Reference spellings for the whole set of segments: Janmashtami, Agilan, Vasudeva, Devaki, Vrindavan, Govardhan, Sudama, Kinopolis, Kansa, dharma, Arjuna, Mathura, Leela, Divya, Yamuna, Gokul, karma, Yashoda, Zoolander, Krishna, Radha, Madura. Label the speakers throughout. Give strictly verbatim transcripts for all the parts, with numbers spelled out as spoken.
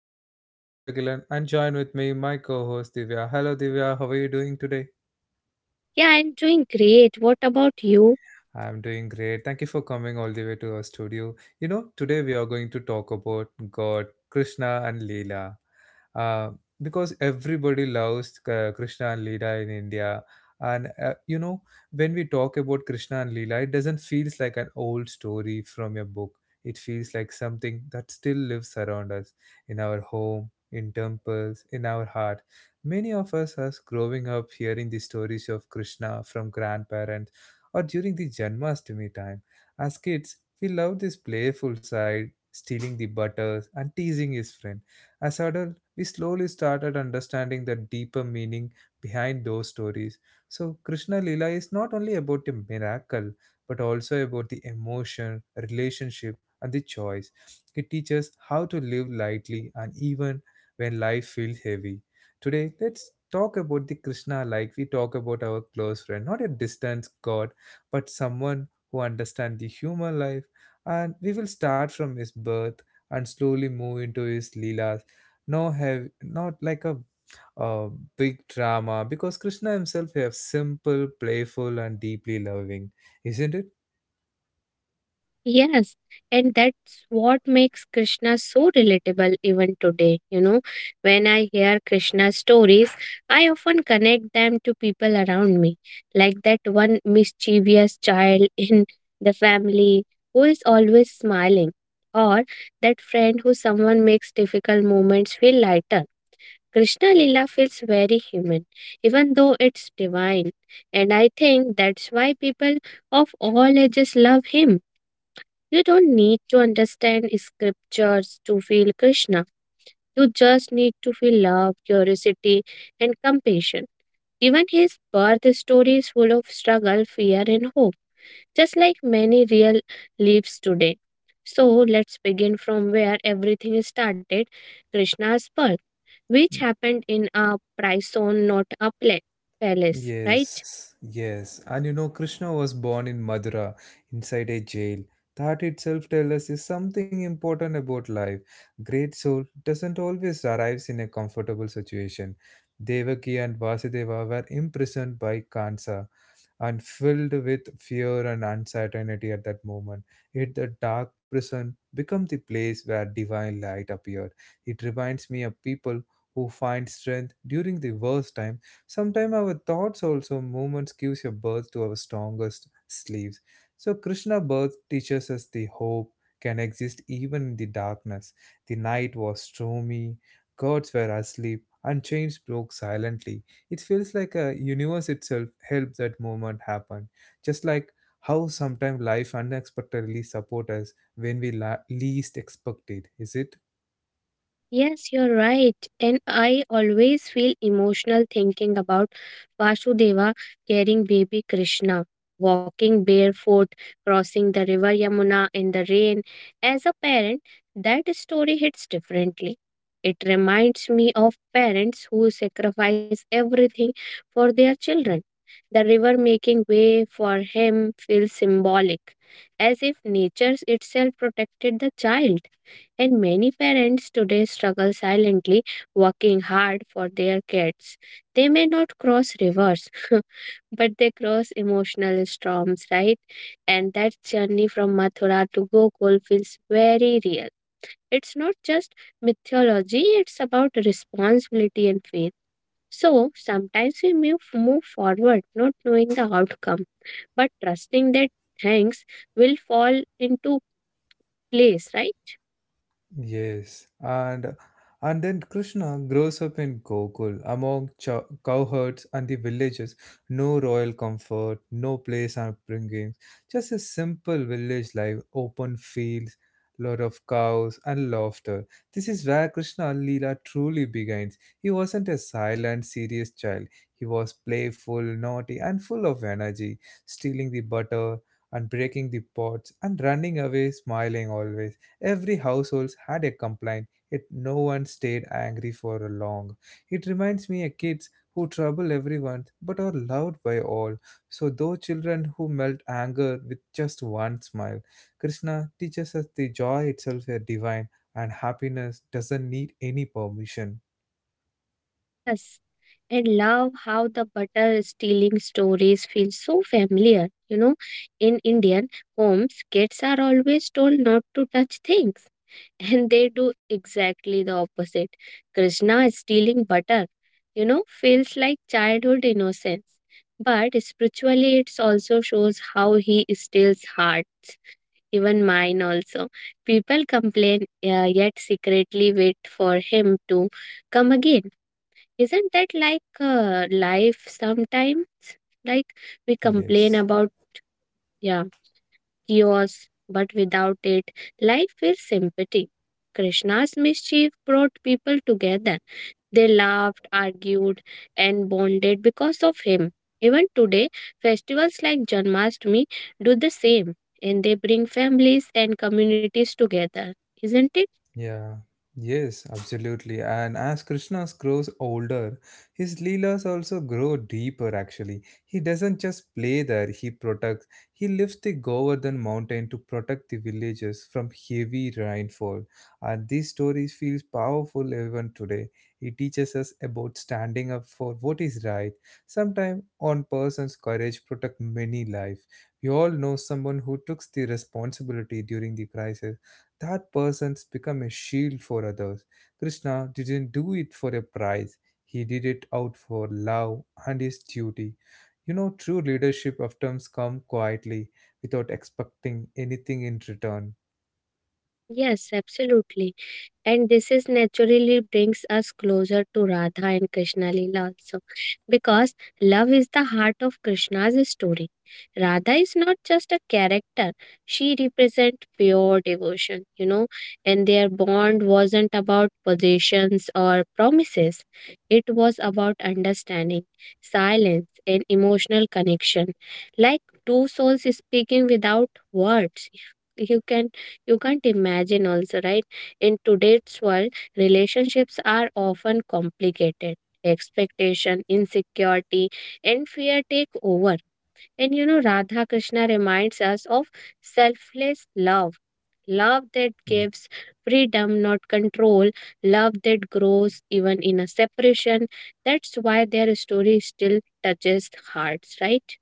Speaker 1: This is your host Agilan and join with me my co-host Divya. Hello Divya, how are you doing today?
Speaker 2: Yeah, I'm doing great. What about you?
Speaker 1: I'm doing great. Thank you for coming all the way to our studio. You know, today we are going to talk about God, Krishna, and Leela. Uh, because everybody loves uh, Krishna and Leela in India. And uh, you know, when we talk about Krishna and Leela, it doesn't feel like an old story from a book. It feels like something that still lives around us in our home, in temples, in our heart. Many of us are growing up hearing the stories of Krishna from grandparents or during the Janmashtami time. As kids, we love this playful side, stealing the butters and teasing his friend. As adults, we slowly started understanding the deeper meaning behind those stories. So, Krishna Lila is not only about a miracle, but also about the emotion, relationship, and the choice. It teaches how to live lightly and even when life feels heavy. Today, let's talk about the Krishna like we talk about our close friend, not a distant god, but someone who understands the human life. And we will start from his birth and slowly move into his leelas. No have not like a uh, big drama because Krishna himself is simple, playful, and deeply loving, isn't it?
Speaker 2: Yes, and that's what makes Krishna so relatable even today. You know, when I hear Krishna stories, I often connect them to people around me, like that one mischievous child in the family who is always smiling, or that friend who someone makes difficult moments feel lighter. Krishna Lila feels very human, even though it's divine, and I think that's why people of all ages love him. You don't need to understand scriptures to feel Krishna, you just need to feel love, curiosity, and compassion. Even his birth story is full of struggle, fear, and hope, just like many real lives today. So let's begin from where everything started, Krishna's birth, which happened in a prison, not a pla- palace, right?
Speaker 1: Yes, yes. And you know, Krishna was born in Madura inside a jail. That itself tells us is something important about life. Great soul doesn't always arrives in a comfortable situation. Devaki and Vasudeva were imprisoned by Kansa and filled with fear and uncertainty at that moment. Yet the dark prison became the place where divine light appeared. It reminds me of people who find strength during the worst time. Sometimes our thoughts also moments gives a birth to our strongest sleeves. So Krishna birth teaches us the hope can exist even in the darkness. The night was stormy, gods were asleep, and chains broke silently. It feels like a universe itself helped that moment happen. Just like how sometimes life unexpectedly support us when we la- least expect it, is it?
Speaker 2: Yes, you're right. And I always feel emotional thinking about Vasudeva carrying baby Krishna, walking barefoot, crossing the river Yamuna in the rain. As a parent, that story hits differently. It reminds me of parents who sacrifice everything for their children. The river making way for him feels symbolic, as if nature itself protected the child. And many parents today struggle silently, working hard for their kids. They may not cross rivers, but they cross emotional storms, right? And that journey from Mathura to Gokul feels very real. It's not just mythology, it's about responsibility and faith. So sometimes we move, move forward not knowing the outcome, but trusting that things will fall into place, right?
Speaker 1: Yes, and and then Krishna grows up in Gokul among cho- cowherds and the villages. No royal comfort, no place upbringing, just a simple village life, open fields, lot of cows and laughter. This is where Krishna Leela truly begins. He wasn't a silent, serious child. He was playful, naughty, and full of energy, stealing the butter and breaking the pots and running away, smiling always. Every household had a complaint, yet no one stayed angry for long. It reminds me of kids who trouble everyone but are loved by all. So those children who melt anger with just one smile. Krishna teaches us the joy itself is divine and happiness doesn't need any permission.
Speaker 2: Yes. And love how the butter stealing stories feel so familiar. You know, in Indian homes, kids are always told not to touch things. And they do exactly the opposite. Krishna stealing butter, you know, feels like childhood innocence. But spiritually, it also shows how he steals heart, even mine also. People complain, uh, yet secretly wait for him to come again. Isn't that like uh, life sometimes? Like we complain
Speaker 1: Yes.
Speaker 2: about, yeah, chaos, but without it, life feels sympathy. Krishna's mischief brought people together. They laughed, argued, and bonded because of him. Even today, festivals like Janmashtami do the same, and they bring families and communities together, isn't it?
Speaker 1: Yeah, yes, absolutely. And as Krishna grows older, his leelas also grow deeper actually. He doesn't just play there, he protects. He lifts the Govardhan mountain to protect the villages from heavy rainfall. And these stories feels powerful even today. It teaches us about standing up for what is right. Sometimes one person's courage protect many lives. We all know someone who took the responsibility during the crisis that person's become a shield for others. Krishna didn't do it for a prize, he did it out for love and his duty. You know, true leadership often comes quietly without expecting anything in return.
Speaker 2: Yes, absolutely. And this is naturally brings us closer to Radha and Krishna Leela also. Because love is the heart of Krishna's story. Radha is not just a character, she represents pure devotion, you know, and their bond wasn't about possessions or promises. It was about understanding, silence, and emotional connection. Like two souls speaking without words. You can you can't imagine also, right? In today's world, relationships are often complicated. Expectation, insecurity, and fear take over. And you know, Radha Krishna reminds us of selfless love. Love that gives freedom, not control. Love that grows even in a separation. That's why their story still touches hearts, right?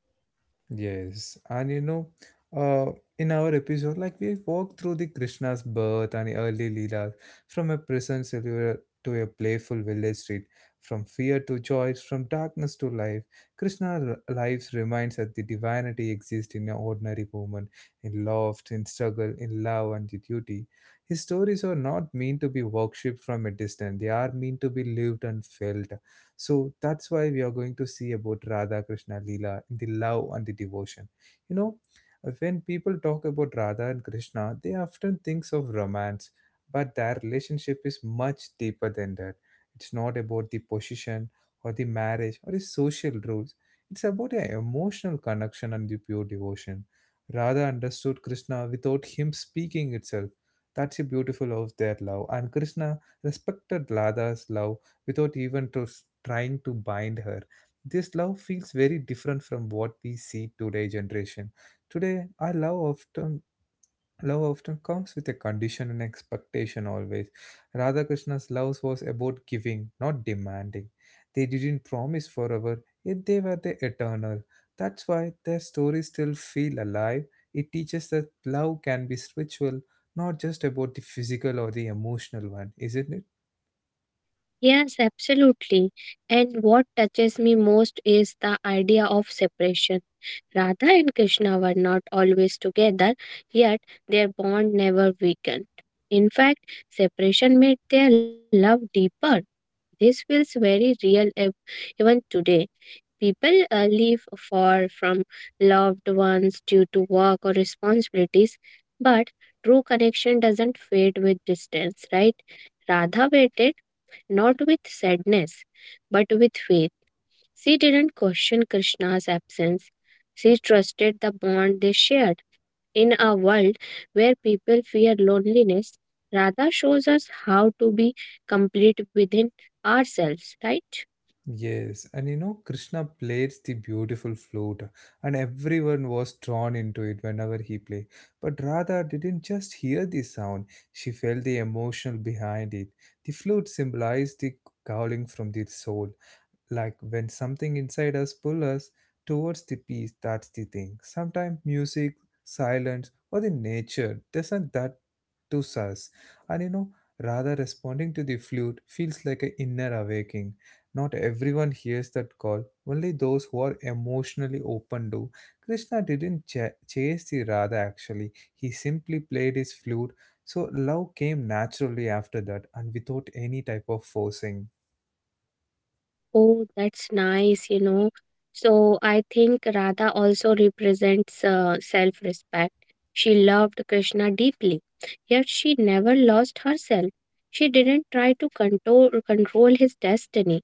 Speaker 1: Yes, and you know, uh, in our episode, like we walked through the Krishna's birth and early leelas, from a prison cellular to a playful village street, from fear to joy, from darkness to life. Krishna's lives reminds us the divinity exists in an ordinary woman, in love, in struggle, in love, and the duty. His stories are not meant to be worshipped from a distance; they are meant to be lived and felt. So that's why we are going to see about Radha Krishna Leela in the love and the devotion. You know, when people talk about Radha and Krishna, they often think of romance, but their relationship is much deeper than that. It's not about the position or the marriage or the social rules. It's about an emotional connection and the pure devotion. Radha understood Krishna without him speaking itself. That's the beautiful of their love. And Krishna respected Radha's love without even to, trying to bind her. This love feels very different from what we see today generation. Today, our love often love often comes with a condition and expectation always. Radhakrishna's love was about giving, not demanding. They didn't promise forever, yet they were the eternal. That's why their stories still feel alive. It teaches that love can be spiritual, not just about the physical or the emotional one, isn't it?
Speaker 2: Yes, absolutely. And what touches me most is the idea of separation. Radha and Krishna were not always together, yet their bond never weakened. In fact, separation made their love deeper. This feels very real ev- even today. People uh, live far from loved ones due to work or responsibilities, but true connection doesn't fade with distance, right? Radha waited not with sadness, but with faith. She didn't question Krishna's absence. She trusted the bond they shared. In a world where people fear loneliness, Radha shows us how to be complete within ourselves, right?
Speaker 1: Yes, and you know, Krishna plays the beautiful flute, and everyone was drawn into it whenever he played. But Radha didn't just hear the sound, she felt the emotion behind it. The flute symbolized the calling from the soul, like when something inside us pull us towards the peace that's the thing sometimes music silence or the nature doesn't that to us. And you know, rather responding to the flute feels like an inner awakening. Not everyone hears that call, only those who are emotionally open do. Krishna didn't ch- chase the Radha actually, he simply played his flute. So love came naturally after that and without any type of forcing.
Speaker 2: Oh, that's nice, you know. So I think Radha also represents uh, self respect. She loved Krishna deeply, yet she never lost herself. She didn't try to control, control his destiny.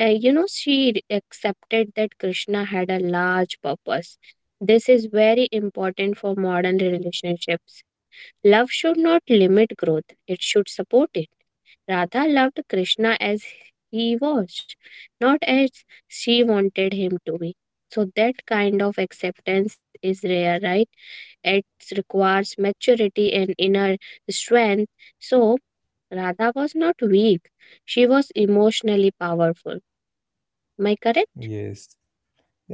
Speaker 2: Uh, you know, she re- accepted that Krishna had a large purpose. This is very important for modern relationships. Love should not limit growth, it should support it. Radha loved Krishna as he was, not as she wanted him to be. So, that kind of acceptance is rare, right? It requires maturity and inner strength. So, Radha was not weak, she was emotionally powerful. Am I correct?
Speaker 1: Yes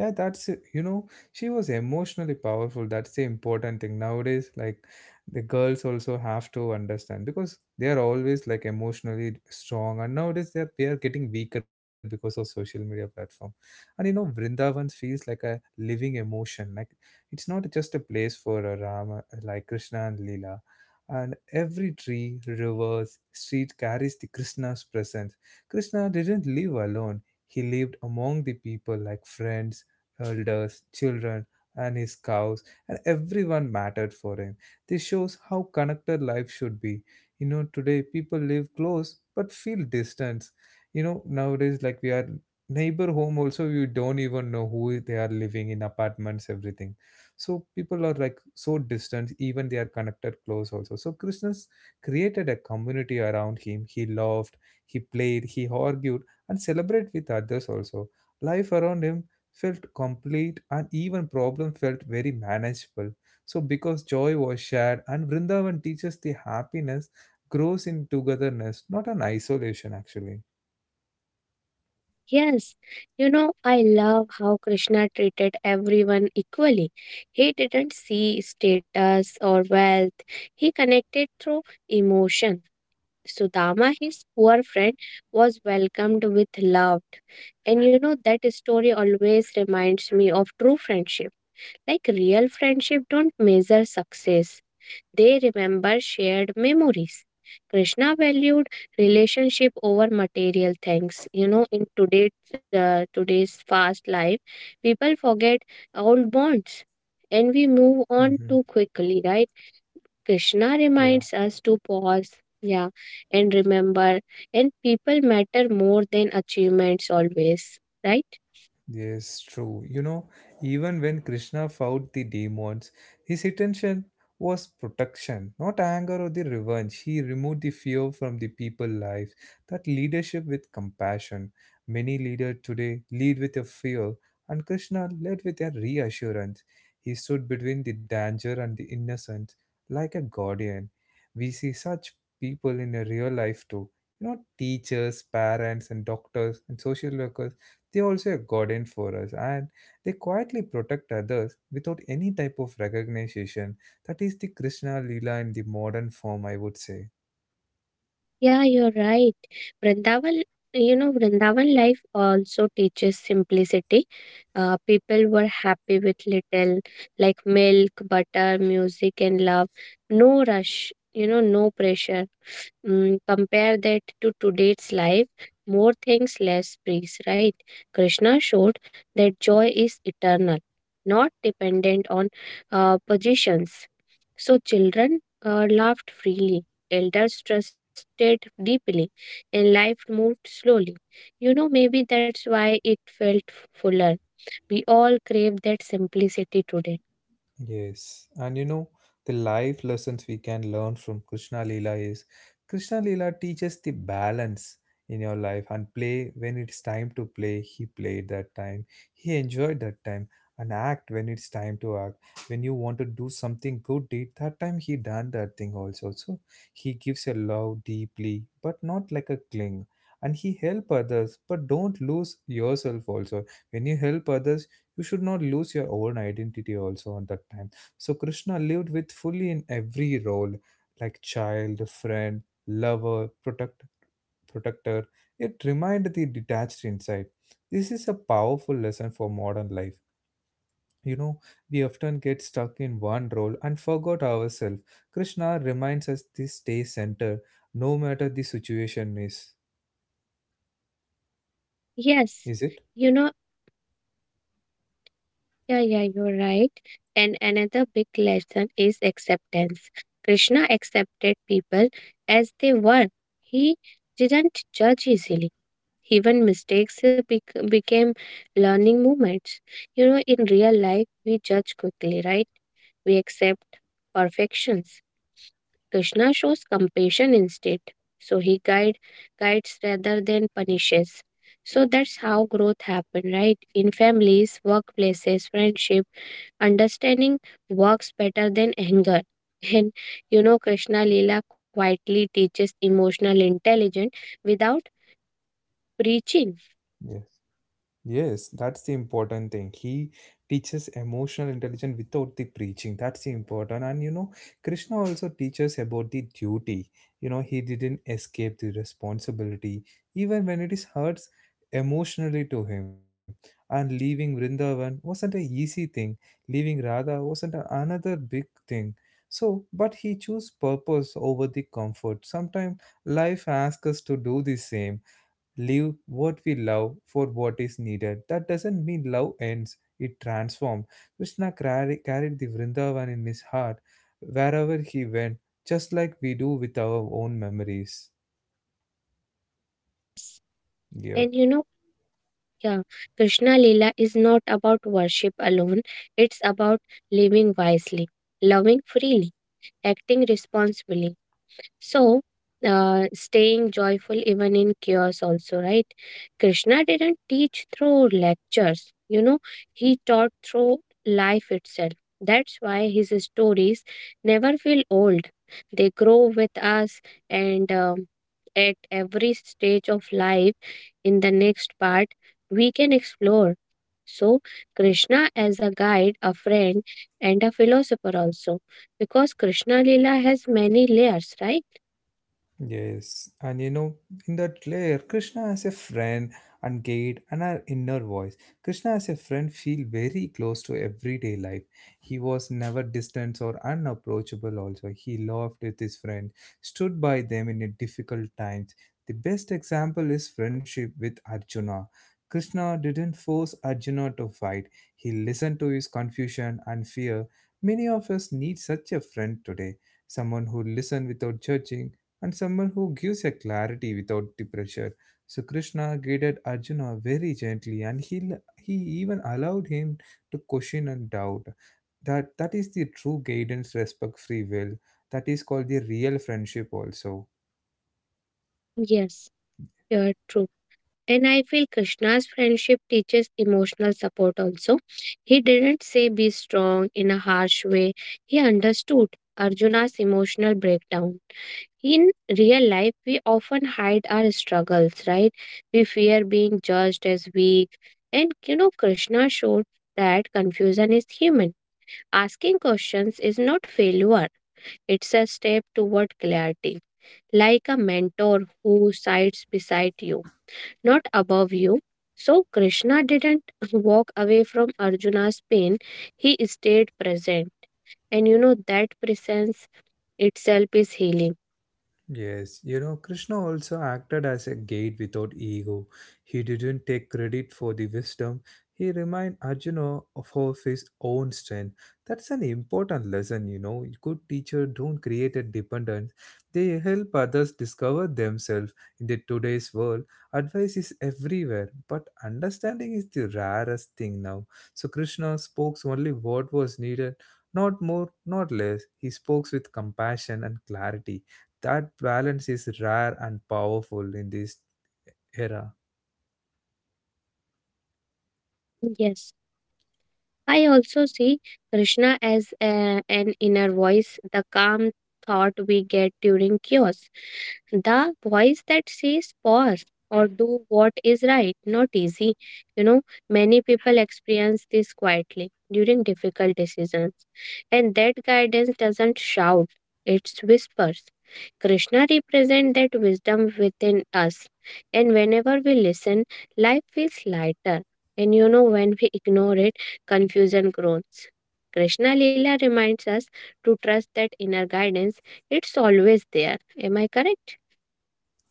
Speaker 1: Yeah, that's it. You know, she was emotionally powerful. That's the important thing nowadays. Like, the girls also have to understand because they are always like emotionally strong, and nowadays they are, they are getting weaker because of social media platform. And you know, Vrindavan feels like a living emotion. Like, it's not just a place for uh, Rama, like Krishna and Leela. And every tree, rivers, street carries the Krishna's presence. Krishna didn't live alone. He lived among the people like friends, elders, children, and his cows, and everyone mattered for him. This shows how connected life should be. You know, today people live close but feel distance. You know, nowadays, like we are neighbor home also, you don't even know who they are living in apartments, everything. So people are like so distant even they are connected close also. So Krishna's created a community around him. He laughed, he played, he argued, and celebrate with others also. Life around him felt complete and even problem felt very manageable. So because joy was shared and Vrindavan teaches the happiness grows in togetherness, not an isolation actually.
Speaker 2: Yes, you know, I love how Krishna treated everyone equally. He didn't see status or wealth, he connected through emotion. Sudama, his poor friend, was welcomed with love. And you know, that story always reminds me of true friendship. Like real friendship don't measure success. They remember shared memories. Krishna valued relationship over material things. You know, in today's uh, today's fast life, people forget old bonds and we move on
Speaker 1: Hmm.
Speaker 2: too quickly, right? Krishna
Speaker 1: Yeah.
Speaker 2: reminds us to pause, yeah, and remember. And people matter more than achievements always, right?
Speaker 1: Yes, true. You know, even when Krishna fought the demons, his intention was protection, not anger or the revenge. He removed the fear from the people' lives. That leadership with compassion. Many leaders today lead with a fear, and Krishna led with a reassurance. He stood between the danger and the innocence like a guardian. We see such people in a real life too. You know, teachers, parents, and doctors and social workers, they are also a guardian for us and they quietly protect others without any type of recognition. That is the Krishna Leela in the modern form, I would say.
Speaker 2: Yeah, you're right. Vrindavan, you know, Vrindavan life also teaches simplicity. Uh, people were happy with little, like milk, butter, music, and love. No rush, you know, no pressure. Mm, compare that to today's life. More things, less priests, right? Krishna showed that joy is eternal, not dependent on uh, positions. So children uh, laughed freely, elders trusted deeply, and life moved slowly. You know, maybe that's why it felt fuller. We all crave that simplicity today.
Speaker 1: Yes, and you know, the life lessons we can learn from Krishna Lila is Krishna Lila teaches the balance in your life and play when it's time to play. He played that time, he enjoyed that time, and act when it's time to act. When you want to do something good deed, that time he done that thing also. So he gives a love deeply, but not like a cling. And he help others, but don't lose yourself also. When you help others, you should not lose your own identity also at that time. So Krishna lived with fully in every role, like child, friend, lover, protect protector. It remained the detached inside. This is a powerful lesson for modern life. You know, we often get stuck in one role and forgot ourselves. Krishna reminds us to stay centered no matter the situation is
Speaker 2: Yes,
Speaker 1: is it?
Speaker 2: you know, yeah, yeah, you're right. And another big lesson is acceptance. Krishna accepted people as they were, he didn't judge easily. Even mistakes bec- became learning moments. You know, in real life, we judge quickly, right? We accept perfections. Krishna shows compassion instead. So he guide, guides rather than punishes. So that's how growth happen, right? In families, workplaces, friendship, understanding works better than anger. And you know, Krishna Leela quietly teaches emotional intelligence without preaching.
Speaker 1: Yes, Yes, that's the important thing. He teaches emotional intelligence without the preaching. That's the important. And you know, Krishna also teaches about the duty. You know, he didn't escape the responsibility, even when it is hurts emotionally to him. And leaving Vrindavan wasn't an easy thing. Leaving Radha wasn't a- another big thing. So, but he chose purpose over the comfort. Sometimes life asks us to do the same, leave what we love for what is needed. That doesn't mean love ends, it transforms. Krishna carry, carried the Vrindavan in his heart wherever he went, just like we do with our own memories.
Speaker 2: Yes.
Speaker 1: Yeah.
Speaker 2: And you know, yeah, Krishna Lila is not about worship alone, it's about living wisely, loving freely, acting responsibly, so, uh, staying joyful even in chaos, also, right? Krishna didn't teach through lectures, you know, he taught through life itself. That's why his stories never feel old, they grow with us, and um, at every stage of life in the next part we can explore, so Krishna as a guide, a friend, and a philosopher also, because Krishna Lila has many layers, right?
Speaker 1: Yes, and you know, in that layer, Krishna as a friend and guide and our inner voice. Krishna as a friend feel very close to everyday life. He was never distant or unapproachable also. He laughed with his friend, stood by them in a difficult times. The best example is friendship with Arjuna. Krishna didn't force Arjuna to fight. He listened to his confusion and fear. Many of us need such a friend today, someone who listens without judging and someone who gives a clarity without the pressure. So Krishna guided Arjuna very gently and he, he even allowed him to question and doubt. That, that is the true guidance, respect, free will. That is called the real friendship also.
Speaker 2: Yes, you're true. And I feel Krishna's friendship teaches emotional support also. He didn't say be strong in a harsh way, he understood Arjuna's emotional breakdown. In real life, we often hide our struggles, right? We fear being judged as weak. And you know, Krishna showed that confusion is human. Asking questions is not failure, it's a step toward clarity, like a mentor who sides beside you, not above you. So Krishna didn't walk away from Arjuna's pain, he stayed present. And you know that presence itself is healing.
Speaker 1: Yes, you know, Krishna also acted as a guide without ego. He didn't take credit for the wisdom. He reminded Arjuna of of his own strength. That's an important lesson, you know. Good teacher don't create a dependence. They help others discover themselves in the today's world. Advice is everywhere, but understanding is the rarest thing now. So Krishna spoke only what was needed, not more, not less. He spoke with compassion and clarity that balance is rare and powerful in this era.
Speaker 2: Yes. I also see Krishna as a, an inner voice, the calm thought we get during chaos, the voice that says pause or do what is right, not easy. You know, many people experience this quietly during difficult decisions, and that guidance doesn't shout, it whispers. Krishna represents that wisdom within us, and whenever we listen, life feels lighter. And you know, when we ignore it, confusion grows. Krishna Lila reminds us to trust that inner guidance, it's always there. Am I correct?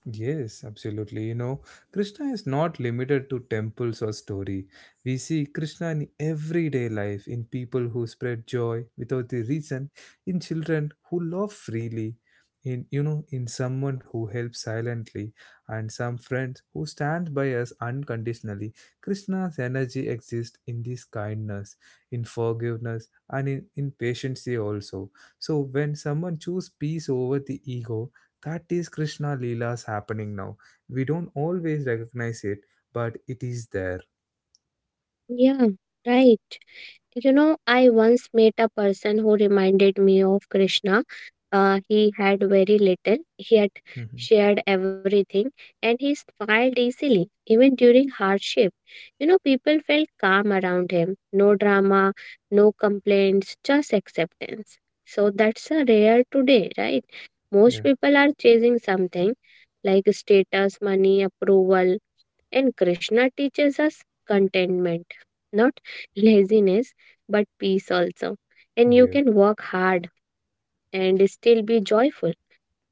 Speaker 1: Yes, absolutely. You know, Krishna is not limited to temples or story. We see Krishna in everyday life, in people who spread joy without the reason, in children who love freely, in you know, in someone who helps silently, and some friends who stand by us unconditionally. Krishna's energy exists in this kindness, in forgiveness, and in, in patience also. So when someone chooses peace over the ego, that is Krishna Leela's happening now. We don't always recognize it, but it is there.
Speaker 2: Yeah, right. You know, I once met a person who reminded me of Krishna. Uh, he had very little, yet
Speaker 1: Mhm.
Speaker 2: shared everything, and he smiled easily, even during hardship. You know, people felt calm around him. No drama, no complaints, just acceptance. So that's a rare today, right? Most
Speaker 1: Yeah.
Speaker 2: people are chasing something like status, money, approval, and Krishna teaches us contentment, not laziness, but peace also. And you
Speaker 1: Yeah.
Speaker 2: can work hard and still be joyful.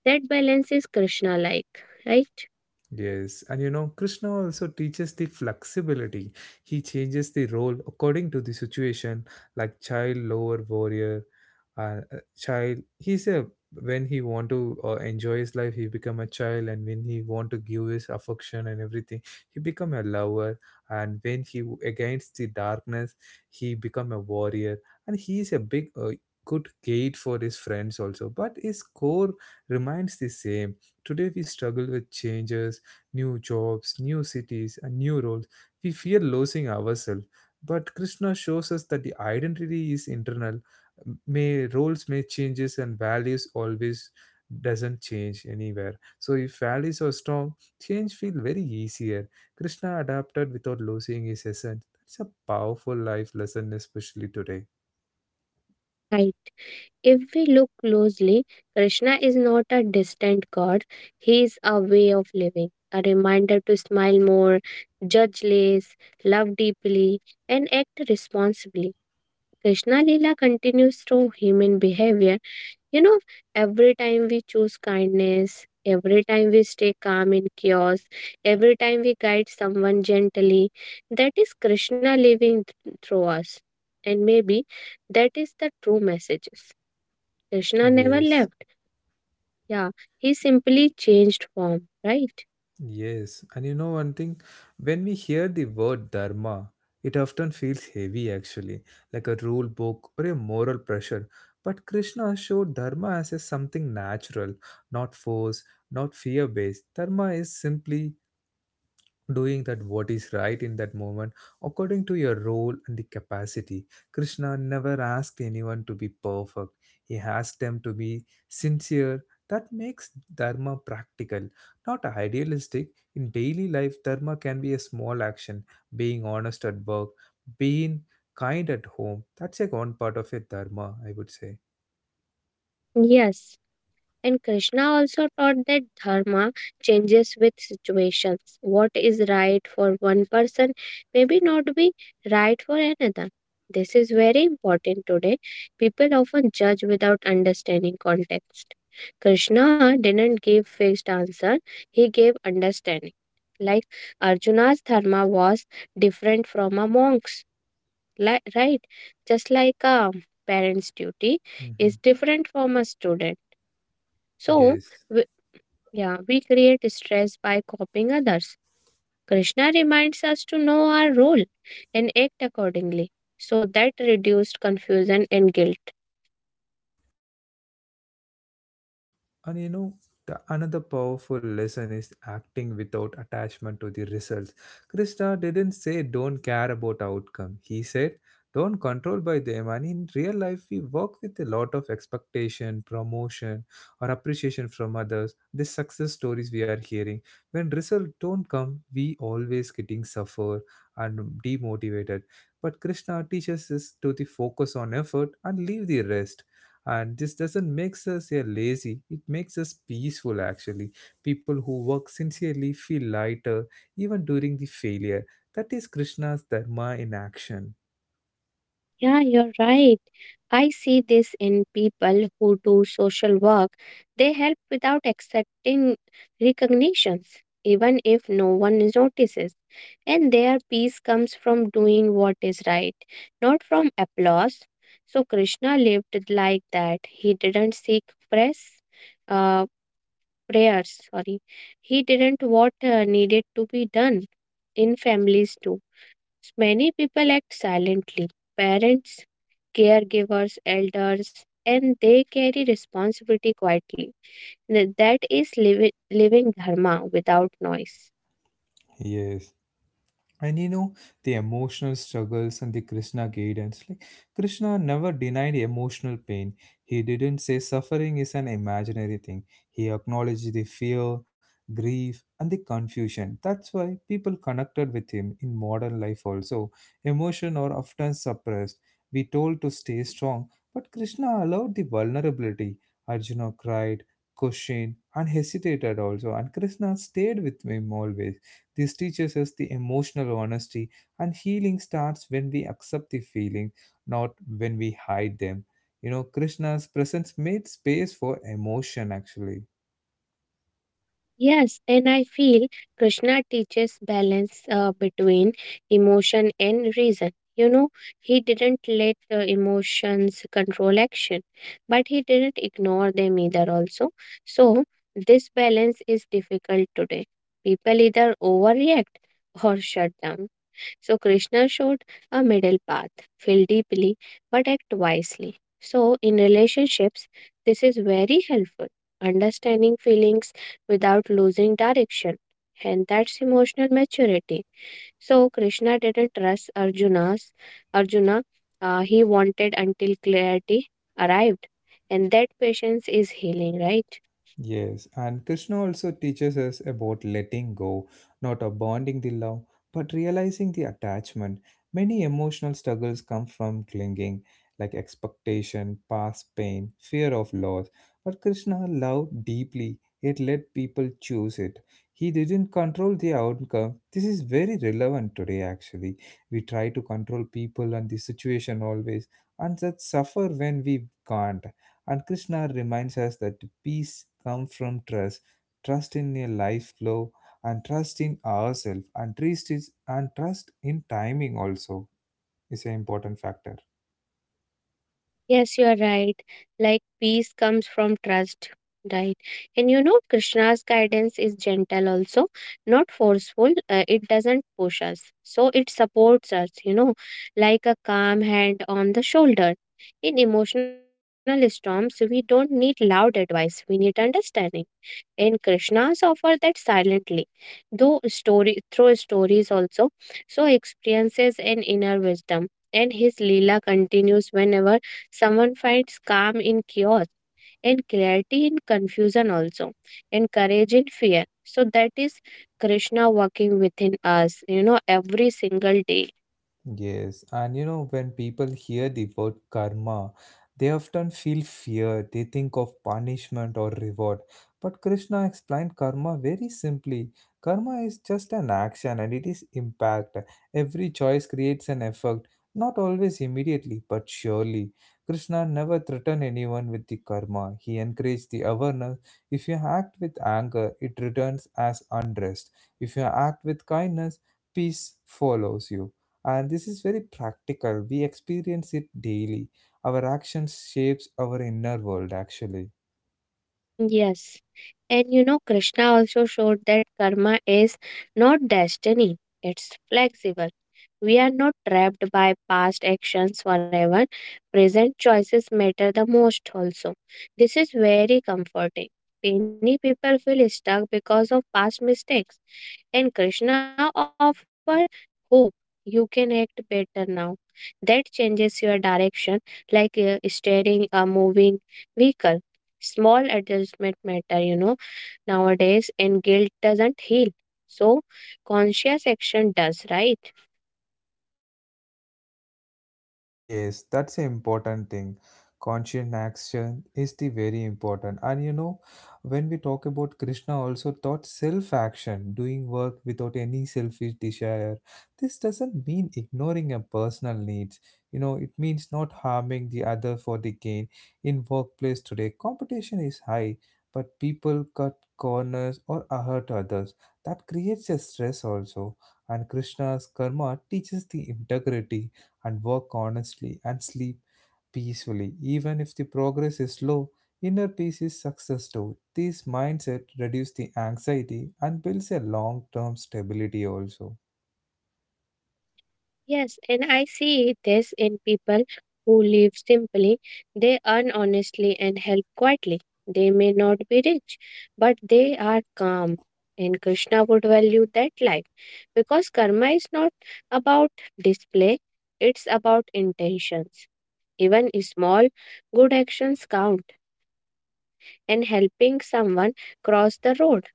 Speaker 2: That balance is Krishna like, right?
Speaker 1: Yes, and you know, Krishna also teaches the flexibility. He changes the role according to the situation, like child lower warrior, uh, uh, child. He's a when he want to uh, enjoy his life, he become a child, and when he want to give his affection and everything, he become a lover. And when he w- against the darkness, he become a warrior, and he is a big. Uh, good gate for his friends also but his core remains the same today we struggle with changes new jobs, new cities, and new roles, we fear losing ourselves. But Krishna shows us that the identity is internal. May roles may changes and values always doesn't change anywhere. So if values are strong, change feel very easier. Krishna adapted without losing his essence. That's a powerful life lesson, especially today.
Speaker 2: Right. If we look closely, Krishna is not a distant god, he is a way of living, a reminder to smile more, judge less, love deeply, and act responsibly. Krishna Lila continues through human behavior. You know, every time we choose kindness, every time we stay calm in chaos, every time we guide someone gently, that is Krishna living th- through us. And maybe that is the true messages. Krishna never
Speaker 1: Yes.
Speaker 2: left. Yeah, he simply changed form, right?
Speaker 1: Yes, and you know one thing, when we hear the word dharma, it often feels heavy actually, like a rule book or a moral pressure. But Krishna showed dharma as a something natural, not force, not fear based. Dharma is simply doing that what is right in that moment according to your role and the capacity. Krishna never asked anyone to be perfect. He asked them to be sincere. That makes dharma practical, not idealistic. In daily life dharma can be a small action, being honest at work, being kind at home. That's a one part of a dharma I would say.
Speaker 2: Yes. And Krishna also taught that dharma changes with situations. What is right for one person may be not be right for another. This is very important today. People often judge without understanding context. Krishna didn't give fixed answer, he gave understanding. Like Arjuna's dharma was different from a monk's, li- right? Just like a parent's duty is
Speaker 1: Hmm.
Speaker 2: different from a student. So,
Speaker 1: Yes.
Speaker 2: yeah, we create stress by copying others. Krishna reminds us to know our role and act accordingly so that reduced confusion and guilt.
Speaker 1: And you know, the another powerful lesson is acting without attachment to the results. Krishna didn't say don't care about outcome. He said don't control by them. And in real life, we work with a lot of expectation, promotion, or appreciation from others. The success stories we are hearing. When results don't come, we always getting suffer and demotivated. But Krishna teaches us to the focus on effort and leave the rest, and this doesn't make us a lazy, it makes us peaceful actually. People who work sincerely feel lighter even during the failure. That is Krishna's dharma in action.
Speaker 2: Yeah, you're right. I see this in people who do social work. They help without accepting recognitions, even if no one notices. And their peace comes from doing what is right, not from applause. So Krishna lived like that. He didn't seek press, uh, prayers. Sorry, he didn't what uh, needed to be done in families too. Many people act silently, parents, caregivers, elders, and they carry responsibility quietly. Th- That is living, living dharma without noise.
Speaker 1: Yes, and you know the emotional struggles and the Krishna guidance like Krishna never denied emotional pain. He didn't say suffering is an imaginary thing. He acknowledged the fear, grief and the confusion. That's why people connected with him. In modern life also emotion are often suppressed, we told to stay strong, but Krishna allowed the vulnerability. Arjuna cried, questioned and hesitated also, and Krishna stayed with him always. This teaches us the emotional honesty, and healing starts when we accept the feeling, not when we hide them. You know, Krishna's presence made space for emotion actually.
Speaker 2: Yes, and I feel Krishna teaches balance uh, between emotion and reason. You know, he didn't let uh, emotions control action, but he didn't ignore them either, also. So, this balance is difficult today. People either overreact or shut down. So Krishna showed a middle path, feel deeply but act wisely. So in relationships, this is very helpful. Understanding feelings without losing direction. And that's emotional maturity. So Krishna didn't trust Arjuna's Arjuna. Uh, he wanted until clarity arrived. And that patience is healing, right?
Speaker 1: Yes, and Krishna also teaches us about letting go, not abandoning the love, but realizing the attachment. Many emotional struggles come from clinging, like expectation, past pain, fear of loss. But Krishna loved deeply, yet let people choose it. He didn't control the outcome. This is very relevant today, actually. We try to control people and the situation always, and that suffer when we can't. And Krishna reminds us that peace comes from trust, trust in a life flow, and trust in ourselves, and trust is and trust in timing also is an important factor.
Speaker 2: Yes, you are right. Like peace comes from trust, right? And you know, Krishna's guidance is gentle also, not forceful. Uh, it doesn't push us, so it supports us, you know, like a calm hand on the shoulder. In emotional storms, we don't need loud advice, we need understanding. And Krishna's offer that silently. Though story through stories also, so experiences and inner wisdom. And his Leela continues whenever someone finds calm in chaos and clarity in confusion also and courage in fear. So that is Krishna working within us, you know, every single day.
Speaker 1: Yes, and you know, when people hear the word karma, they often feel fear. They think of punishment or reward. But Krishna explained karma very simply. Karma is just an action and it is impact. Every choice creates an effect, not always immediately, but surely. Krishna never threatened anyone with the karma. He encouraged the awareness. If you act with anger, it returns as unrest. If you act with kindness, peace follows you, and this is very practical. We experience it daily. Our actions shapes our inner world actually.
Speaker 2: Yes. And you know, Krishna also showed that karma is not destiny, it's flexible. We are not trapped by past actions forever. Present choices matter the most, also. This is very comforting. Many people feel stuck because of past mistakes. And Krishna offer hope. You can act better now. That changes your direction like uh, steering a moving vehicle. Small adjustment matter, you know, nowadays, and guilt doesn't heal. So, conscious action does, right?
Speaker 1: Yes, that's an important thing. Conscious action is the very important. And you know, when we talk about Krishna also taught self-action, doing work without any selfish desire. This doesn't mean ignoring your personal needs. You know, it means not harming the other for the gain. In workplace today, competition is high, but people cut corners or hurt others. That creates a stress also. And Krishna's karma teaches the integrity and work honestly and sleep peacefully. Even if the progress is slow, inner peace is success too. This mindset reduces the anxiety and builds a long term stability also.
Speaker 2: Yes, and I see this in people who live simply. They earn honestly and help quietly. They may not be rich, but they are calm. And Krishna would value that life because karma is not about display, it's about intentions. Even small good actions count, and helping someone cross the road,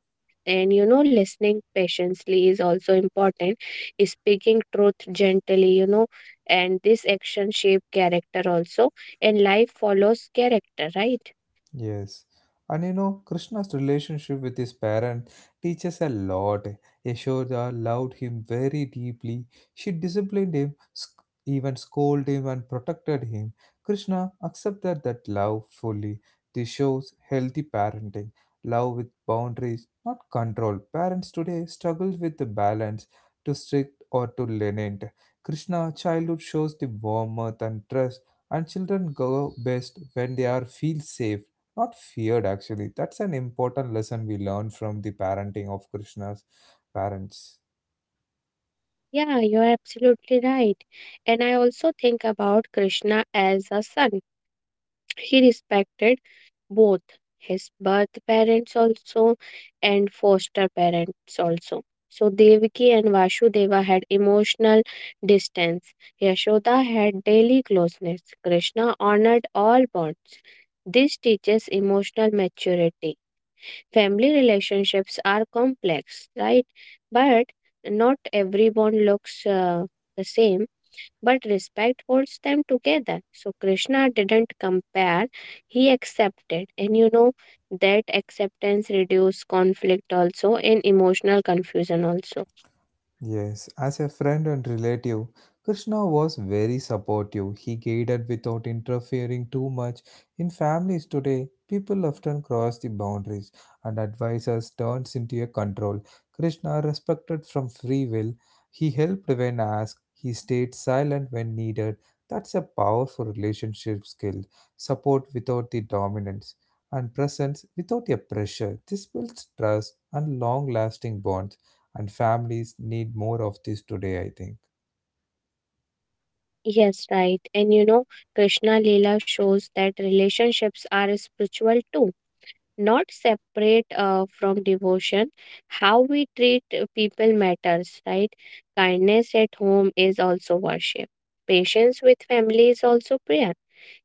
Speaker 2: and you know, listening patiently is also important, speaking truth gently, you know, and this action shape character also, and life follows character, right?
Speaker 1: Yes. And you know, Krishna's relationship with his parent teaches a lot. Yashoda loved him very deeply. She disciplined him, sc- even scolded him, and protected him. Krishna accepted that love fully. This shows healthy parenting. Love with boundaries, not control. Parents today struggle with the balance, too strict or too lenient. Krishna childhood shows the warmth and trust, and children grow best when they are feel safe. Not feared, actually. That's an important lesson we learn from the parenting of Krishna's parents.
Speaker 2: Yeah, you're absolutely right. And I also think about Krishna as a son. He respected both his birth parents also and foster parents also. So Devaki and Vasudeva had emotional distance. Yashoda had daily closeness. Krishna honored all bonds. This teaches emotional maturity. Family relationships are complex, right? But not every bond looks uh, the same, but respect holds them together. So Krishna didn't compare, he accepted. And you know, that acceptance reduced conflict also and emotional confusion also.
Speaker 1: Yes, as a friend and relative, Krishna was very supportive. He guided without interfering too much. In families today, people often cross the boundaries and advisors turns into a control. Krishna respected from free will. He helped when asked. He stayed silent when needed. That's a powerful relationship skill. Support without the dominance and presence without a pressure. This builds trust and long-lasting bonds, and families need more of this today I think.
Speaker 2: Yes, right. And you know, Krishna Leela shows that relationships are spiritual too, not separate uh, from devotion. How we treat uh, people matters, right? Kindness at home is also worship. Patience with family is also prayer.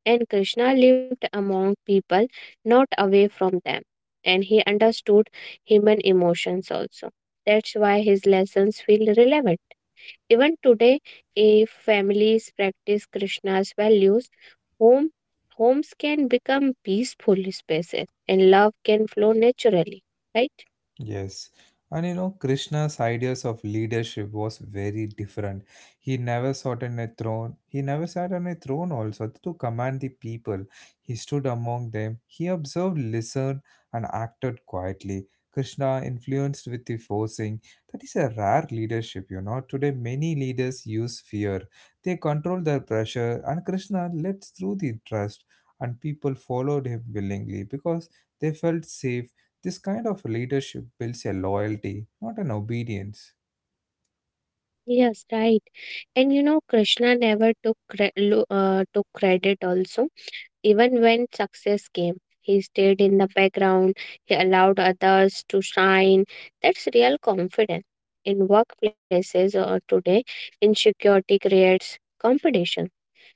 Speaker 2: And Krishna lived among people, not away from them. And he understood human emotions also. That's why his lessons feel relevant. Even today, if families practice Krishna's values, home, homes can become peaceful spaces and love can flow naturally. Right?
Speaker 1: Yes. And you know, Krishna's ideas of leadership was very different. He never sat on a throne. He never sat on a throne also to command the people. He stood among them. He observed, listened, and acted quietly. Krishna influenced with the forcing. That is a rare leadership, you know. Today, many leaders use fear. They control their pressure, and Krishna led through the trust, and people followed him willingly because they felt safe. This kind of leadership builds a loyalty, not an obedience.
Speaker 2: Yes, right. And you know, Krishna never took, cre- lo- uh, took credit also. Even when success came, he stayed in the background. He allowed others to shine. That's real confidence. In workplaces or today, insecurity creates competition.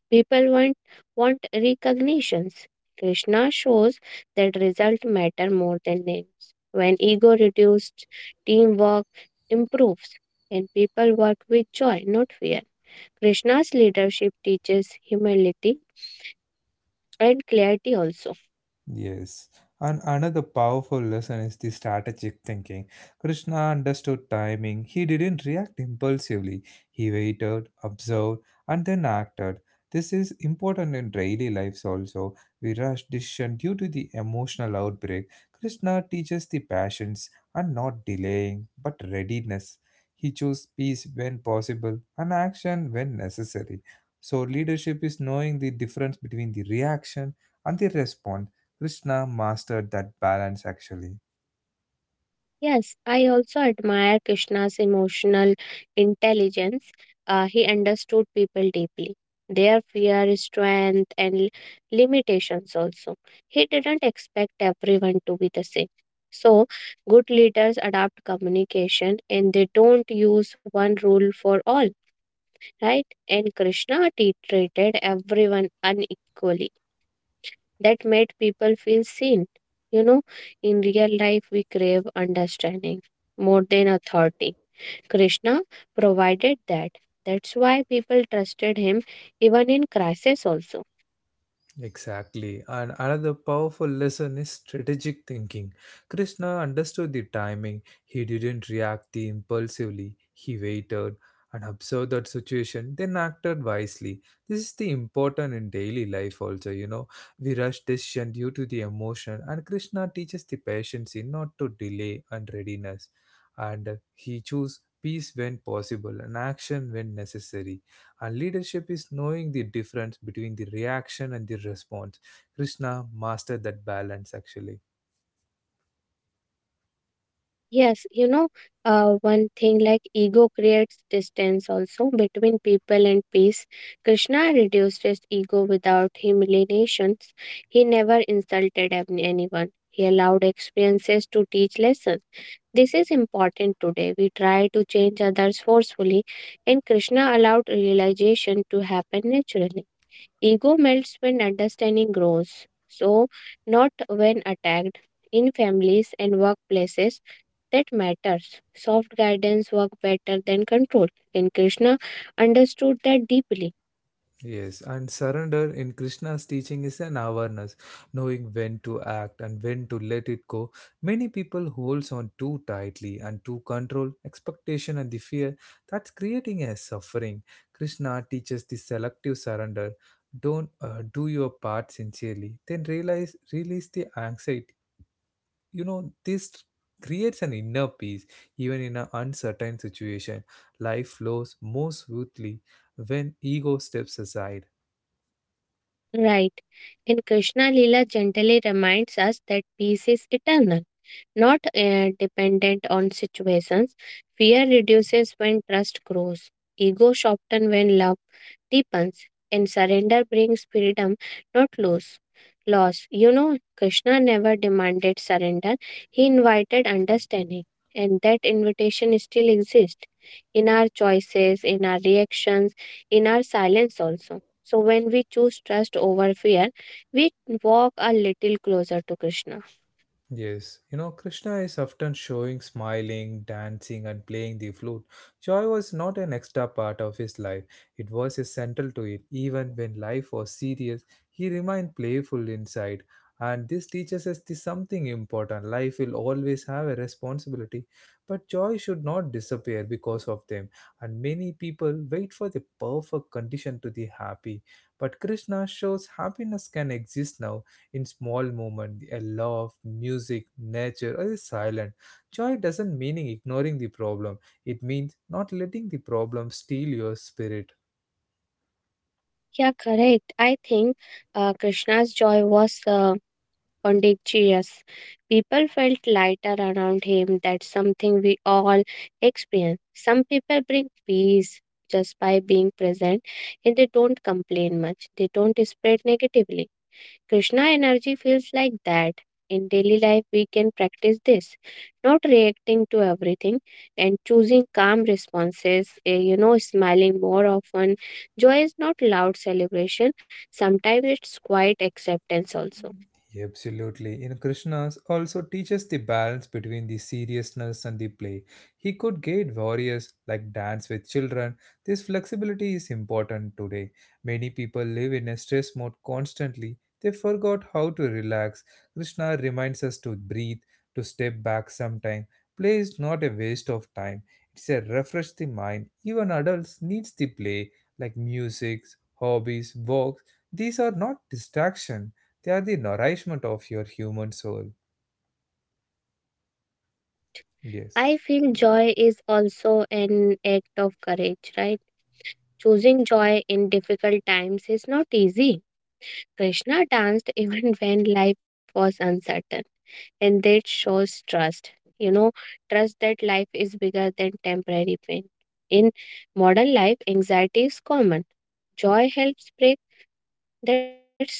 Speaker 2: People want, want recognitions. Krishna shows that results matter more than names. When ego reduced, teamwork improves and people work with joy, not fear. Krishna's leadership teaches humility and clarity also.
Speaker 1: Yes. And another powerful lesson is the strategic thinking. Krishna understood timing. He didn't react impulsively. He waited, observed, and then acted. This is important in daily lives also. We rush decision due to the emotional outbreak. Krishna teaches the patience and not delaying, but readiness. He chose peace when possible and action when necessary. So leadership is knowing the difference between the reaction and the response. Krishna mastered that balance actually.
Speaker 2: Yes, I also admire Krishna's emotional intelligence. Uh, he understood people deeply, their fear, strength, and li- limitations also. He didn't expect everyone to be the same. So, good leaders adapt communication and they don't use one rule for all, right? And Krishna t- treated everyone unequally, that made people feel seen. You know, in real life, we crave understanding more than authority. Krishna provided that. That's why people trusted him even in crisis, also.
Speaker 1: Exactly. And another powerful lesson is strategic thinking. Krishna understood the timing. He didn't react the impulsively. He waited and observed that situation, then acted wisely. This is the important in daily life also, you know. We rush decision due to the emotion, and Krishna teaches the patience in not to delay and readiness. And he chose peace when possible and action when necessary. And leadership is knowing the difference between the reaction and the response. Krishna mastered that balance actually.
Speaker 2: Yes, you know, uh, one thing like ego creates distance also between people and peace. Krishna reduced his ego without humiliations. He never insulted any- anyone. He allowed experiences to teach lessons. This is important today. We try to change others forcefully, and Krishna allowed realization to happen naturally. Ego melts when understanding grows, so not when attacked. In families and workplaces, that matters. Soft guidance works better than control, and Krishna understood that deeply.
Speaker 1: Yes, and surrender in Krishna's teaching is an awareness, knowing when to act and when to let it go. Many people holds on too tightly and to control, expectation and the fear, that's creating a suffering. Krishna teaches the selective surrender. Don't uh, do your part sincerely, then realize release the anxiety. You know this creates an inner peace even in an uncertain situation. Life flows more smoothly when ego steps aside.
Speaker 2: Right. And Krishna Lila gently reminds us that peace is eternal, not uh, dependent on situations. Fear reduces when trust grows, ego sharpens when love deepens, and surrender brings freedom, not lose Loss. You know, Krishna never demanded surrender, he invited understanding, and that invitation still exists in our choices, in our reactions, in our silence also. So, when we choose trust over fear, we walk a little closer to Krishna.
Speaker 1: Yes, you know, Krishna is often showing, smiling, dancing, and playing the flute. Joy was not an extra part of his life, it was essential to it. Even when life was serious, he remained playful inside. And this teaches us the something important. Life will always have a responsibility, but joy should not disappear because of them. And many people wait for the perfect condition to be happy. But Krishna shows happiness can exist now in small moments, a laugh, music, nature, or a silence. Joy doesn't mean ignoring the problem. It means not letting the problem steal your spirit.
Speaker 2: Yeah, correct. I think uh, Krishna's joy was uh, contagious. People felt lighter around him. That's something we all experience. Some people bring peace just by being present and they don't complain much, they don't spread negatively. Krishna energy feels like that. In daily life, we can practice this, not reacting to everything and choosing calm responses, eh, you know, smiling more often. Joy is not loud celebration, sometimes it's quiet acceptance also.
Speaker 1: Yeah, absolutely. In Krishna's also teaches the balance between the seriousness and the play. He could guide warriors like dance with children. This flexibility is important today. Many people live in a stress mode constantly. They forgot how to relax. Krishna reminds us to breathe, to step back sometime. Play is not a waste of time. It's a refresh the mind. Even adults needs the play like music, hobbies, walks. These are not distraction. They are the nourishment of your human soul.
Speaker 2: Correct. I
Speaker 1: Yes.
Speaker 2: feel joy is also an act of courage, right? Choosing joy in difficult times is not easy. Krishna danced even when life was uncertain, and that shows trust, you know, trust that life is bigger than temporary pain. In modern life, anxiety is common, joy helps break that cycle,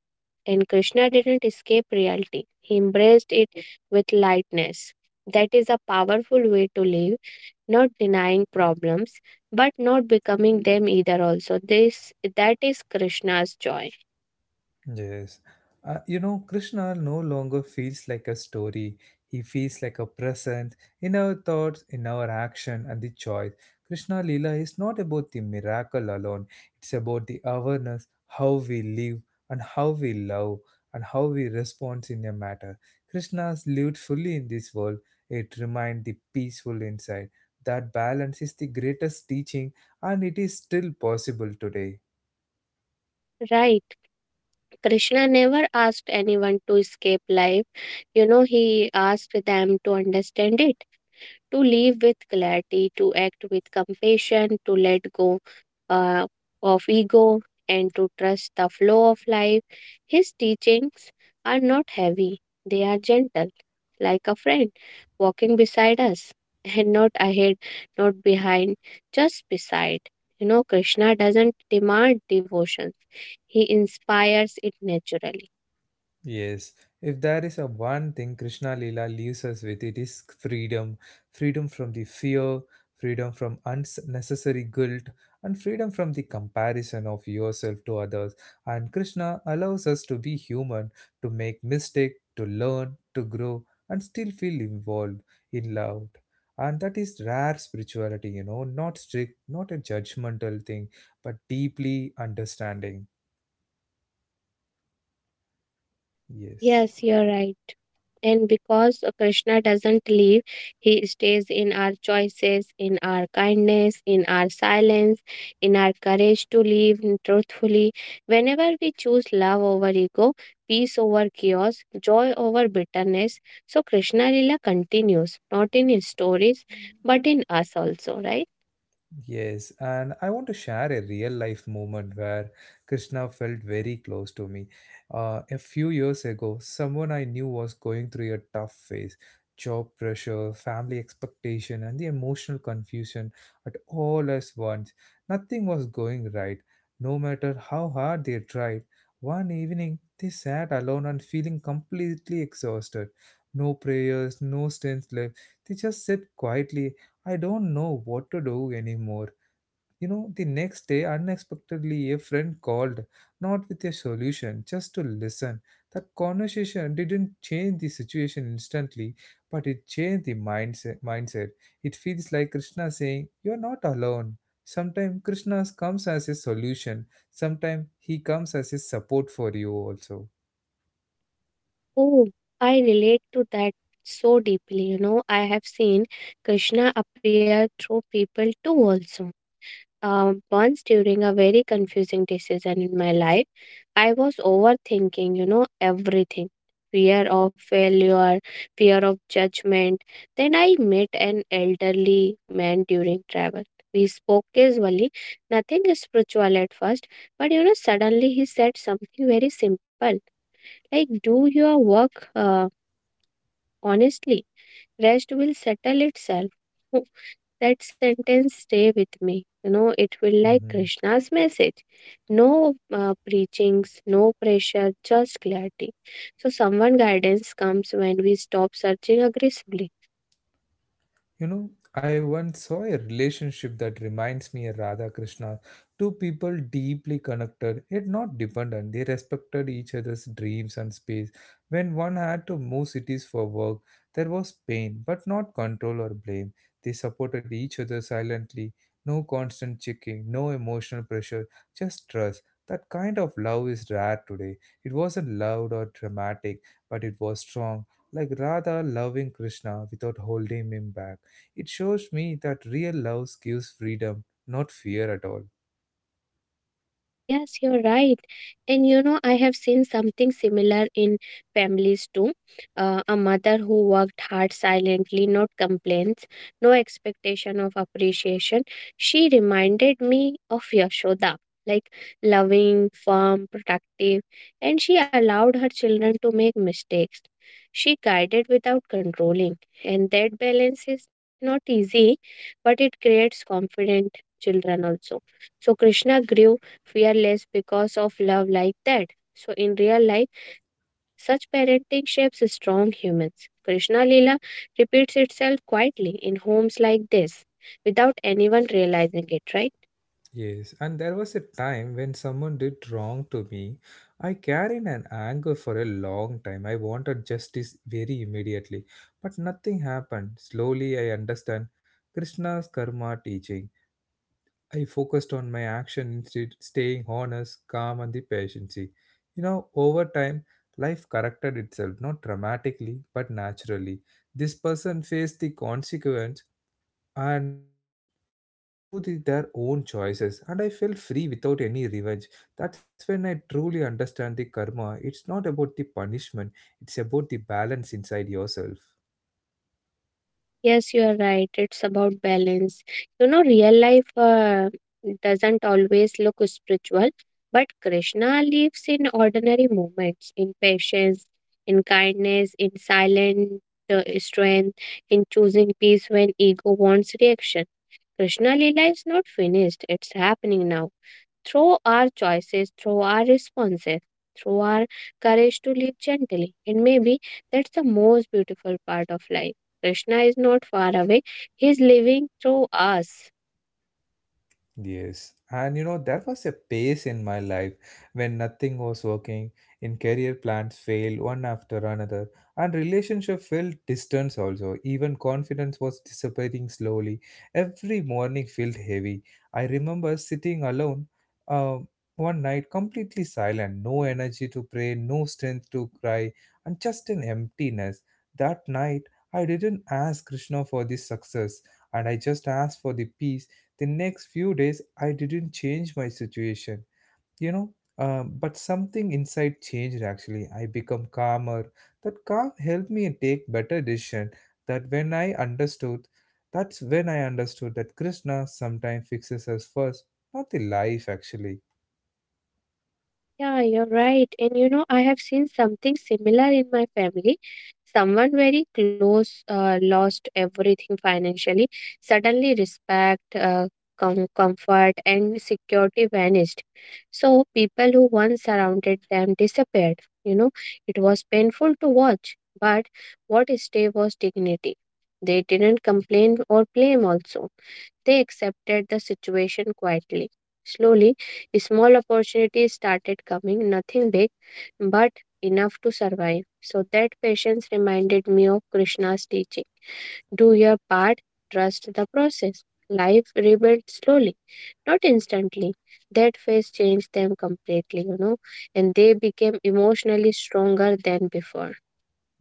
Speaker 2: and Krishna didn't escape reality, he embraced it with lightness. That is a powerful way to live, not denying problems but not becoming them either, also. This, that is Krishna's joy.
Speaker 1: Yes. Uh, you know, Krishna no longer feels like a story. He feels like a presence in our thoughts, in our action, and the choice. Krishna Lila is not about the miracle alone, it's about the awareness, how we live, and how we love, and how we respond in a matter. Krishna's lived fully in this world. It reminds the peaceful inside. That balance is the greatest teaching, and it is still possible today.
Speaker 2: Right. Krishna never asked anyone to escape life. You know, he asked them to understand it, to live with clarity, to act with compassion, to let go uh, of ego, and to trust the flow of life. His teachings are not heavy, they are gentle, like a friend walking beside us, and not ahead, not behind, just beside. You know, Krishna doesn't demand devotion, he inspires it naturally.
Speaker 1: Yes, if there is a one thing Krishna Lila leaves us with, it is freedom. Freedom from the fear, freedom from unnecessary guilt, and freedom from the comparison of yourself to others. And Krishna allows us to be human, to make mistake, to learn, to grow, and still feel involved in love. And that is rare spirituality, you know, not strict, not a judgmental thing, but deeply understanding. Yes.
Speaker 2: Yes, you're right. And because Krishna doesn't leave, he stays in our choices, in our kindness, in our silence, in our courage to live truthfully. Whenever we choose love over ego, peace over chaos, joy over bitterness, so Krishna Lila continues, not in his stories, but in us also, right?
Speaker 1: Yes, and I want to share a real life moment where Krishna felt very close to me. Uh, a few years ago, someone I knew was going through a tough phase job pressure, family expectation, and the emotional confusion at all at once. Nothing was going right, no matter how hard they tried. One evening, they sat alone and feeling completely exhausted. No prayers, no strength left. They just sat quietly I don't know what to do anymore. You know, the next day, unexpectedly, a friend called, not with a solution, just to listen. That conversation didn't change the situation instantly, but it changed the mindset. mindset. It feels like Krishna saying, You're not alone. Sometimes Krishna comes as a solution, sometimes he comes as a support for you also.
Speaker 2: Oh, I relate to that so deeply. You know, I have seen Krishna appear through people too, also. Um, once during a very confusing decision in my life, I was overthinking, you know, everything, fear of failure, fear of judgment. Then I met an elderly man during travel. We spoke casually, nothing spiritual at first, but you know, suddenly he said something very simple like, "Do your work uh, honestly, rest will settle itself." That sentence stay with me. You know, it felt like
Speaker 1: Mhm.
Speaker 2: Krishna's message. No uh, preachings, no pressure, just clarity. So someone guidance comes when we stop searching aggressively.
Speaker 1: You know, I once saw a relationship that reminds me of Radha Krishna. Two people deeply connected, yet not dependent. They respected each other's dreams and space. When one had to move cities for work, there was pain, but not control or blame. They supported each other silently. No constant checking, no emotional pressure, just trust. That kind of love is rare today. It wasn't loud or dramatic, but it was strong, like Radha loving Krishna without holding him back. It shows me that real love gives freedom, not fear at all.
Speaker 2: Yes, you're right. And you know, I have seen something similar in families too. Uh, a mother who worked hard silently, not complaints, no expectation of appreciation. She reminded me of Yashoda, like loving, firm, protective, and she allowed her children to make mistakes. She guided without controlling, and that balance is not easy, but it creates confident children also. So Krishna grew fearless because of love like that. So, in real life, such parenting shapes strong humans. Krishna Lila repeats itself quietly in homes like this without anyone realizing it, right?
Speaker 1: Yes, and there was a time when someone did wrong to me. I carried an anger for a long time. I wanted justice very immediately, but nothing happened. Slowly, I understand Krishna's karma teaching. I focused on my action instead, staying honest, calm, and the patience. You know, over time, life corrected itself, not dramatically, but naturally. This person faced the consequence and through the, their own choices, and I felt free without any revenge. That's when I truly understand the karma. It's not about the punishment, it's about the balance inside yourself.
Speaker 2: Yes, you are right. It's about balance. You know, real life uh, doesn't always look spiritual, but Krishna lives in ordinary moments, in patience, in kindness, in silent uh, strength, in choosing peace when ego wants reaction. Krishna Leela is not finished, it's happening now. Through our choices, through our responses, through our courage to live gently. And maybe that's the most beautiful part of life. Krishna is not far away, he is living through us.
Speaker 1: Yes, and you know, there was a pace in my life when nothing was working, in career plans failed one after another, and relationship felt distance also. Even confidence was dissipating slowly. Every morning felt heavy. I remember sitting alone uh, one night, completely silent, no energy to pray, no strength to cry, and just an emptiness. That night, I didn't ask Krishna for this success, and I just asked for the peace the next few days, I didn't change my situation, you know, um, but something inside changed actually. I become calmer. That calm helped me take better decision. That when I understood, that's when I understood that Krishna sometimes fixes us first, not the life actually.
Speaker 2: Yeah, you're right. And you know, I have seen something similar in my family. Someone very close uh, lost everything financially. Suddenly, respect, uh, com- comfort, and security vanished. So, people who once surrounded them disappeared. You know, it was painful to watch, but what stayed was dignity. They didn't complain or blame, also. They accepted the situation quietly. Slowly, small opportunities started coming, nothing big, but enough to survive. So that patience reminded me of Krishna's teaching, do your part, trust the process. Life rebuilt slowly, not instantly. That phase changed them completely, you know, and they became emotionally stronger than before.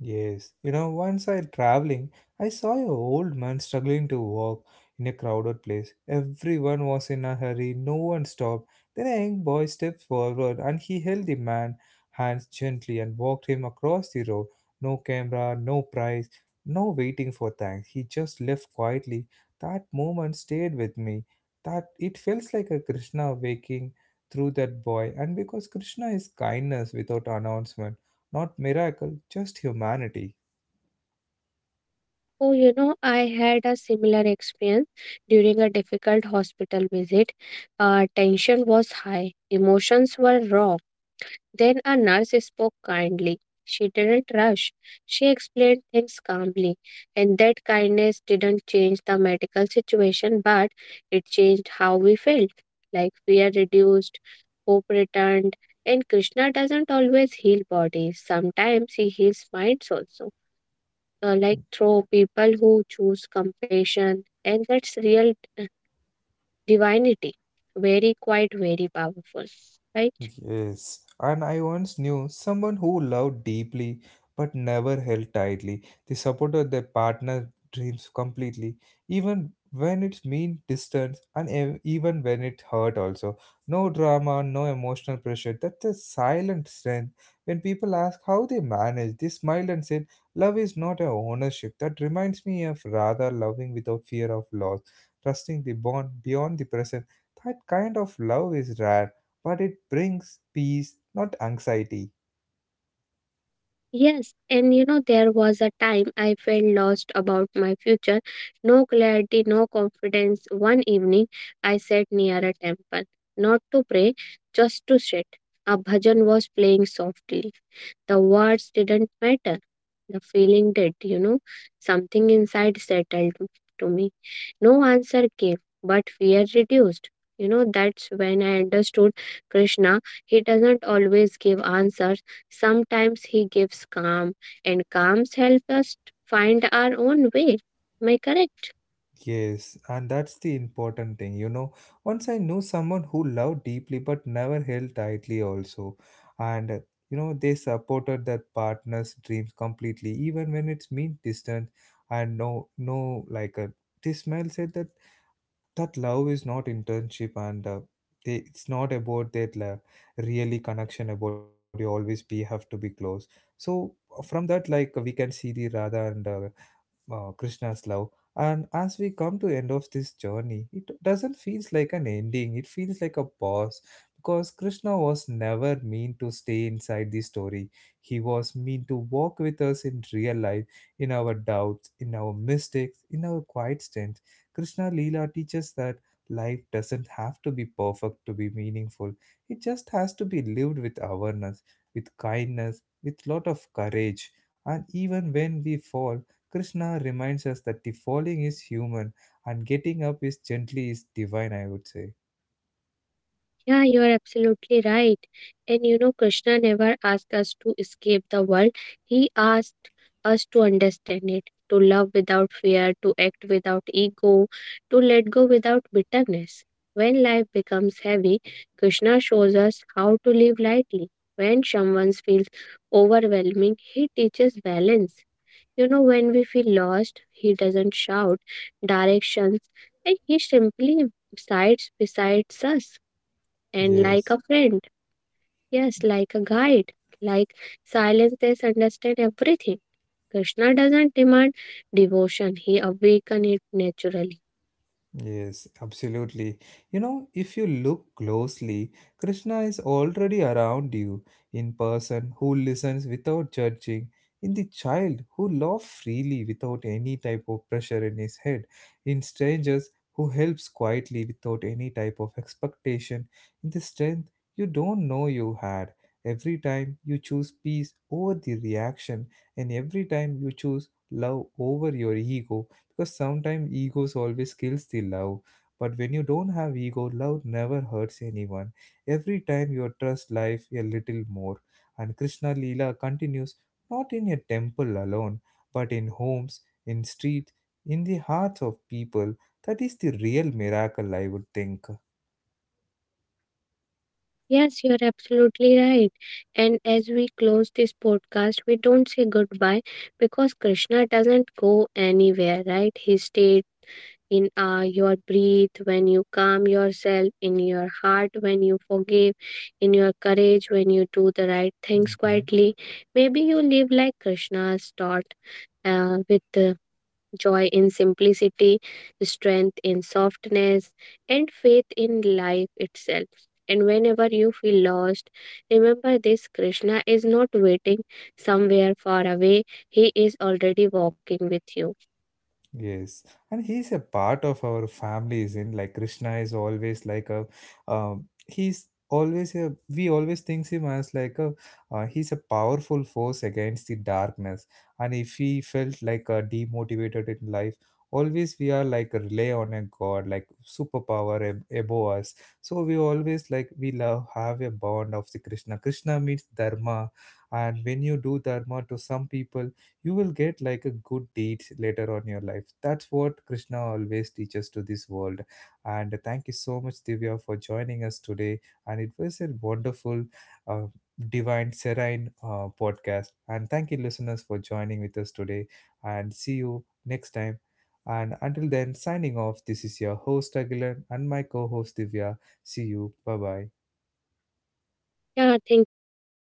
Speaker 1: Yes, you know, once I traveling, I saw a old man struggling to walk in a crowded place. Everyone was in a hurry, no one stopped. Then a young boy stepped forward and he held the man hands gently and walked him across the road. No camera, no prize, no waiting for thanks. He just left quietly. That moment stayed with me. That it feels like a Krishna waking through that boy, and because Krishna is kindness without announcement not miracle, just humanity.
Speaker 2: Oh, you know, I had a similar experience during a difficult hospital visit. Uh, tension was high, emotions were raw. Then a nurse spoke kindly. She didn't rush. She explained things calmly, and that kindness didn't change the medical situation, but it changed how we felt. Like fear reduced, hope returned, and Krishna doesn't always heal bodies. Sometimes he heals minds also, uh, like through people who choose compassion, and that's real divinity. Very quiet, very powerful, right?
Speaker 1: Yes, and I once knew someone who loved deeply but never held tightly. They supported their partner's dreams completely, even when it meant distance and ev- even when it hurt also. No drama, no emotional pressure. That's a silent strength. When people ask how they manage, they smiled and said, Love is not a ownership. That reminds me of rather loving without fear of loss, trusting the bond beyond the present. That kind of love is rare but it brings peace, not anxiety.
Speaker 2: Yes, and you know, there was a time I felt lost about my future. No clarity, no confidence. One evening, I sat near a temple, not to pray, just to sit. A bhajan was playing softly. The words didn't matter. The feeling did, you know. Something inside settled to me. No answer came, but fear reduced. You know, that's when I understood Krishna. He doesn't always give answers. Sometimes he gives calm, and calms help us to find our own way. Am I correct?
Speaker 1: Yes, and that's the important thing, you know. Once I knew someone who loved deeply but never held tightly, also, and uh, you know, they supported their partner's dreams completely, even when it's mean distant and no, no, like a this smile said that that love is not internship and uh, they, it's not about that la, really connection about you always be have to be close so from that like we can see the radha and uh, uh, Krishna's love. And as we come to end of this journey, it doesn't feels like an ending. It feels like a pause because Krishna was never meant to stay inside the story. He was meant to walk with us in real life, in our doubts, in our mistakes, in our quiet strength. Krishna leela teaches that life doesn't have to be perfect to be meaningful. It just has to be lived with awareness, with kindness, with lot of courage. And even when we fall, Krishna reminds us that the falling is human and getting up is gently is divine, I would say.
Speaker 2: Yeah, you're absolutely right. And you know, Krishna never asked us to escape the world, he asked us to understand it, to love without fear, to act without ego, to let go without bitterness. When life becomes heavy, Krishna shows us how to live lightly. When someone feels overwhelming, he teaches balance. You know, when we feel lost, he doesn't shout directions, and he simply sides beside us and like
Speaker 1: Yes.
Speaker 2: a friend. Yes, like a guide. Like silence, they understand everything. Krishna doesn't demand devotion, he awakens it naturally.
Speaker 1: Yes, absolutely. You know, if you look closely, Krishna is already around you in person who listens without judging, in the child who laughs freely without any type of pressure in his head, in strangers who helps quietly without any type of expectation, in the strength you don't know you had. Every time you choose peace over the reaction, and every time you choose love over your ego, because sometimes egos always kills the love but when you don't have ego love never hurts anyone, every time you trust life a little more, and Krishna leela continues, not in a temple alone, but in homes, in streets, in the hearts of people. That is the real miracle, I would think.
Speaker 2: Yes, you're absolutely right. And as we close this podcast, we don't say goodbye because Krishna doesn't go anywhere, right? He stays in uh, your breath, when you calm yourself, in your heart, when you forgive, in your courage, when you do the right things
Speaker 1: Mhm.
Speaker 2: quietly. Maybe you live like Krishna's taught, uh, with uh, joy in simplicity, strength in softness, and faith in life itself. And whenever you feel lost, remember this, Krishna is not waiting somewhere far away. He is already walking with you.
Speaker 1: Yes, and he's a part of our family, isn't like Krishna is always like a, um, he's always a. We always think him as like a, uh, he's a powerful force against the darkness. And if he felt like uh, demotivated in life, always we are like rely on a god, like superpower ab- above us. So we always like we love have a bond of the Krishna. Krishna means dharma, and when you do dharma to some people you will get like a good deed later on in your life. That's what Krishna always teaches to this world. And thank you so much Divya for joining us today, and it was a wonderful uh, divine serene uh, podcast, and thank you listeners for joining with us today, and see you next time, and until then signing off, this is your host Agilan and my co-host Divya. See you, bye bye.
Speaker 2: Yeah, thank you so much.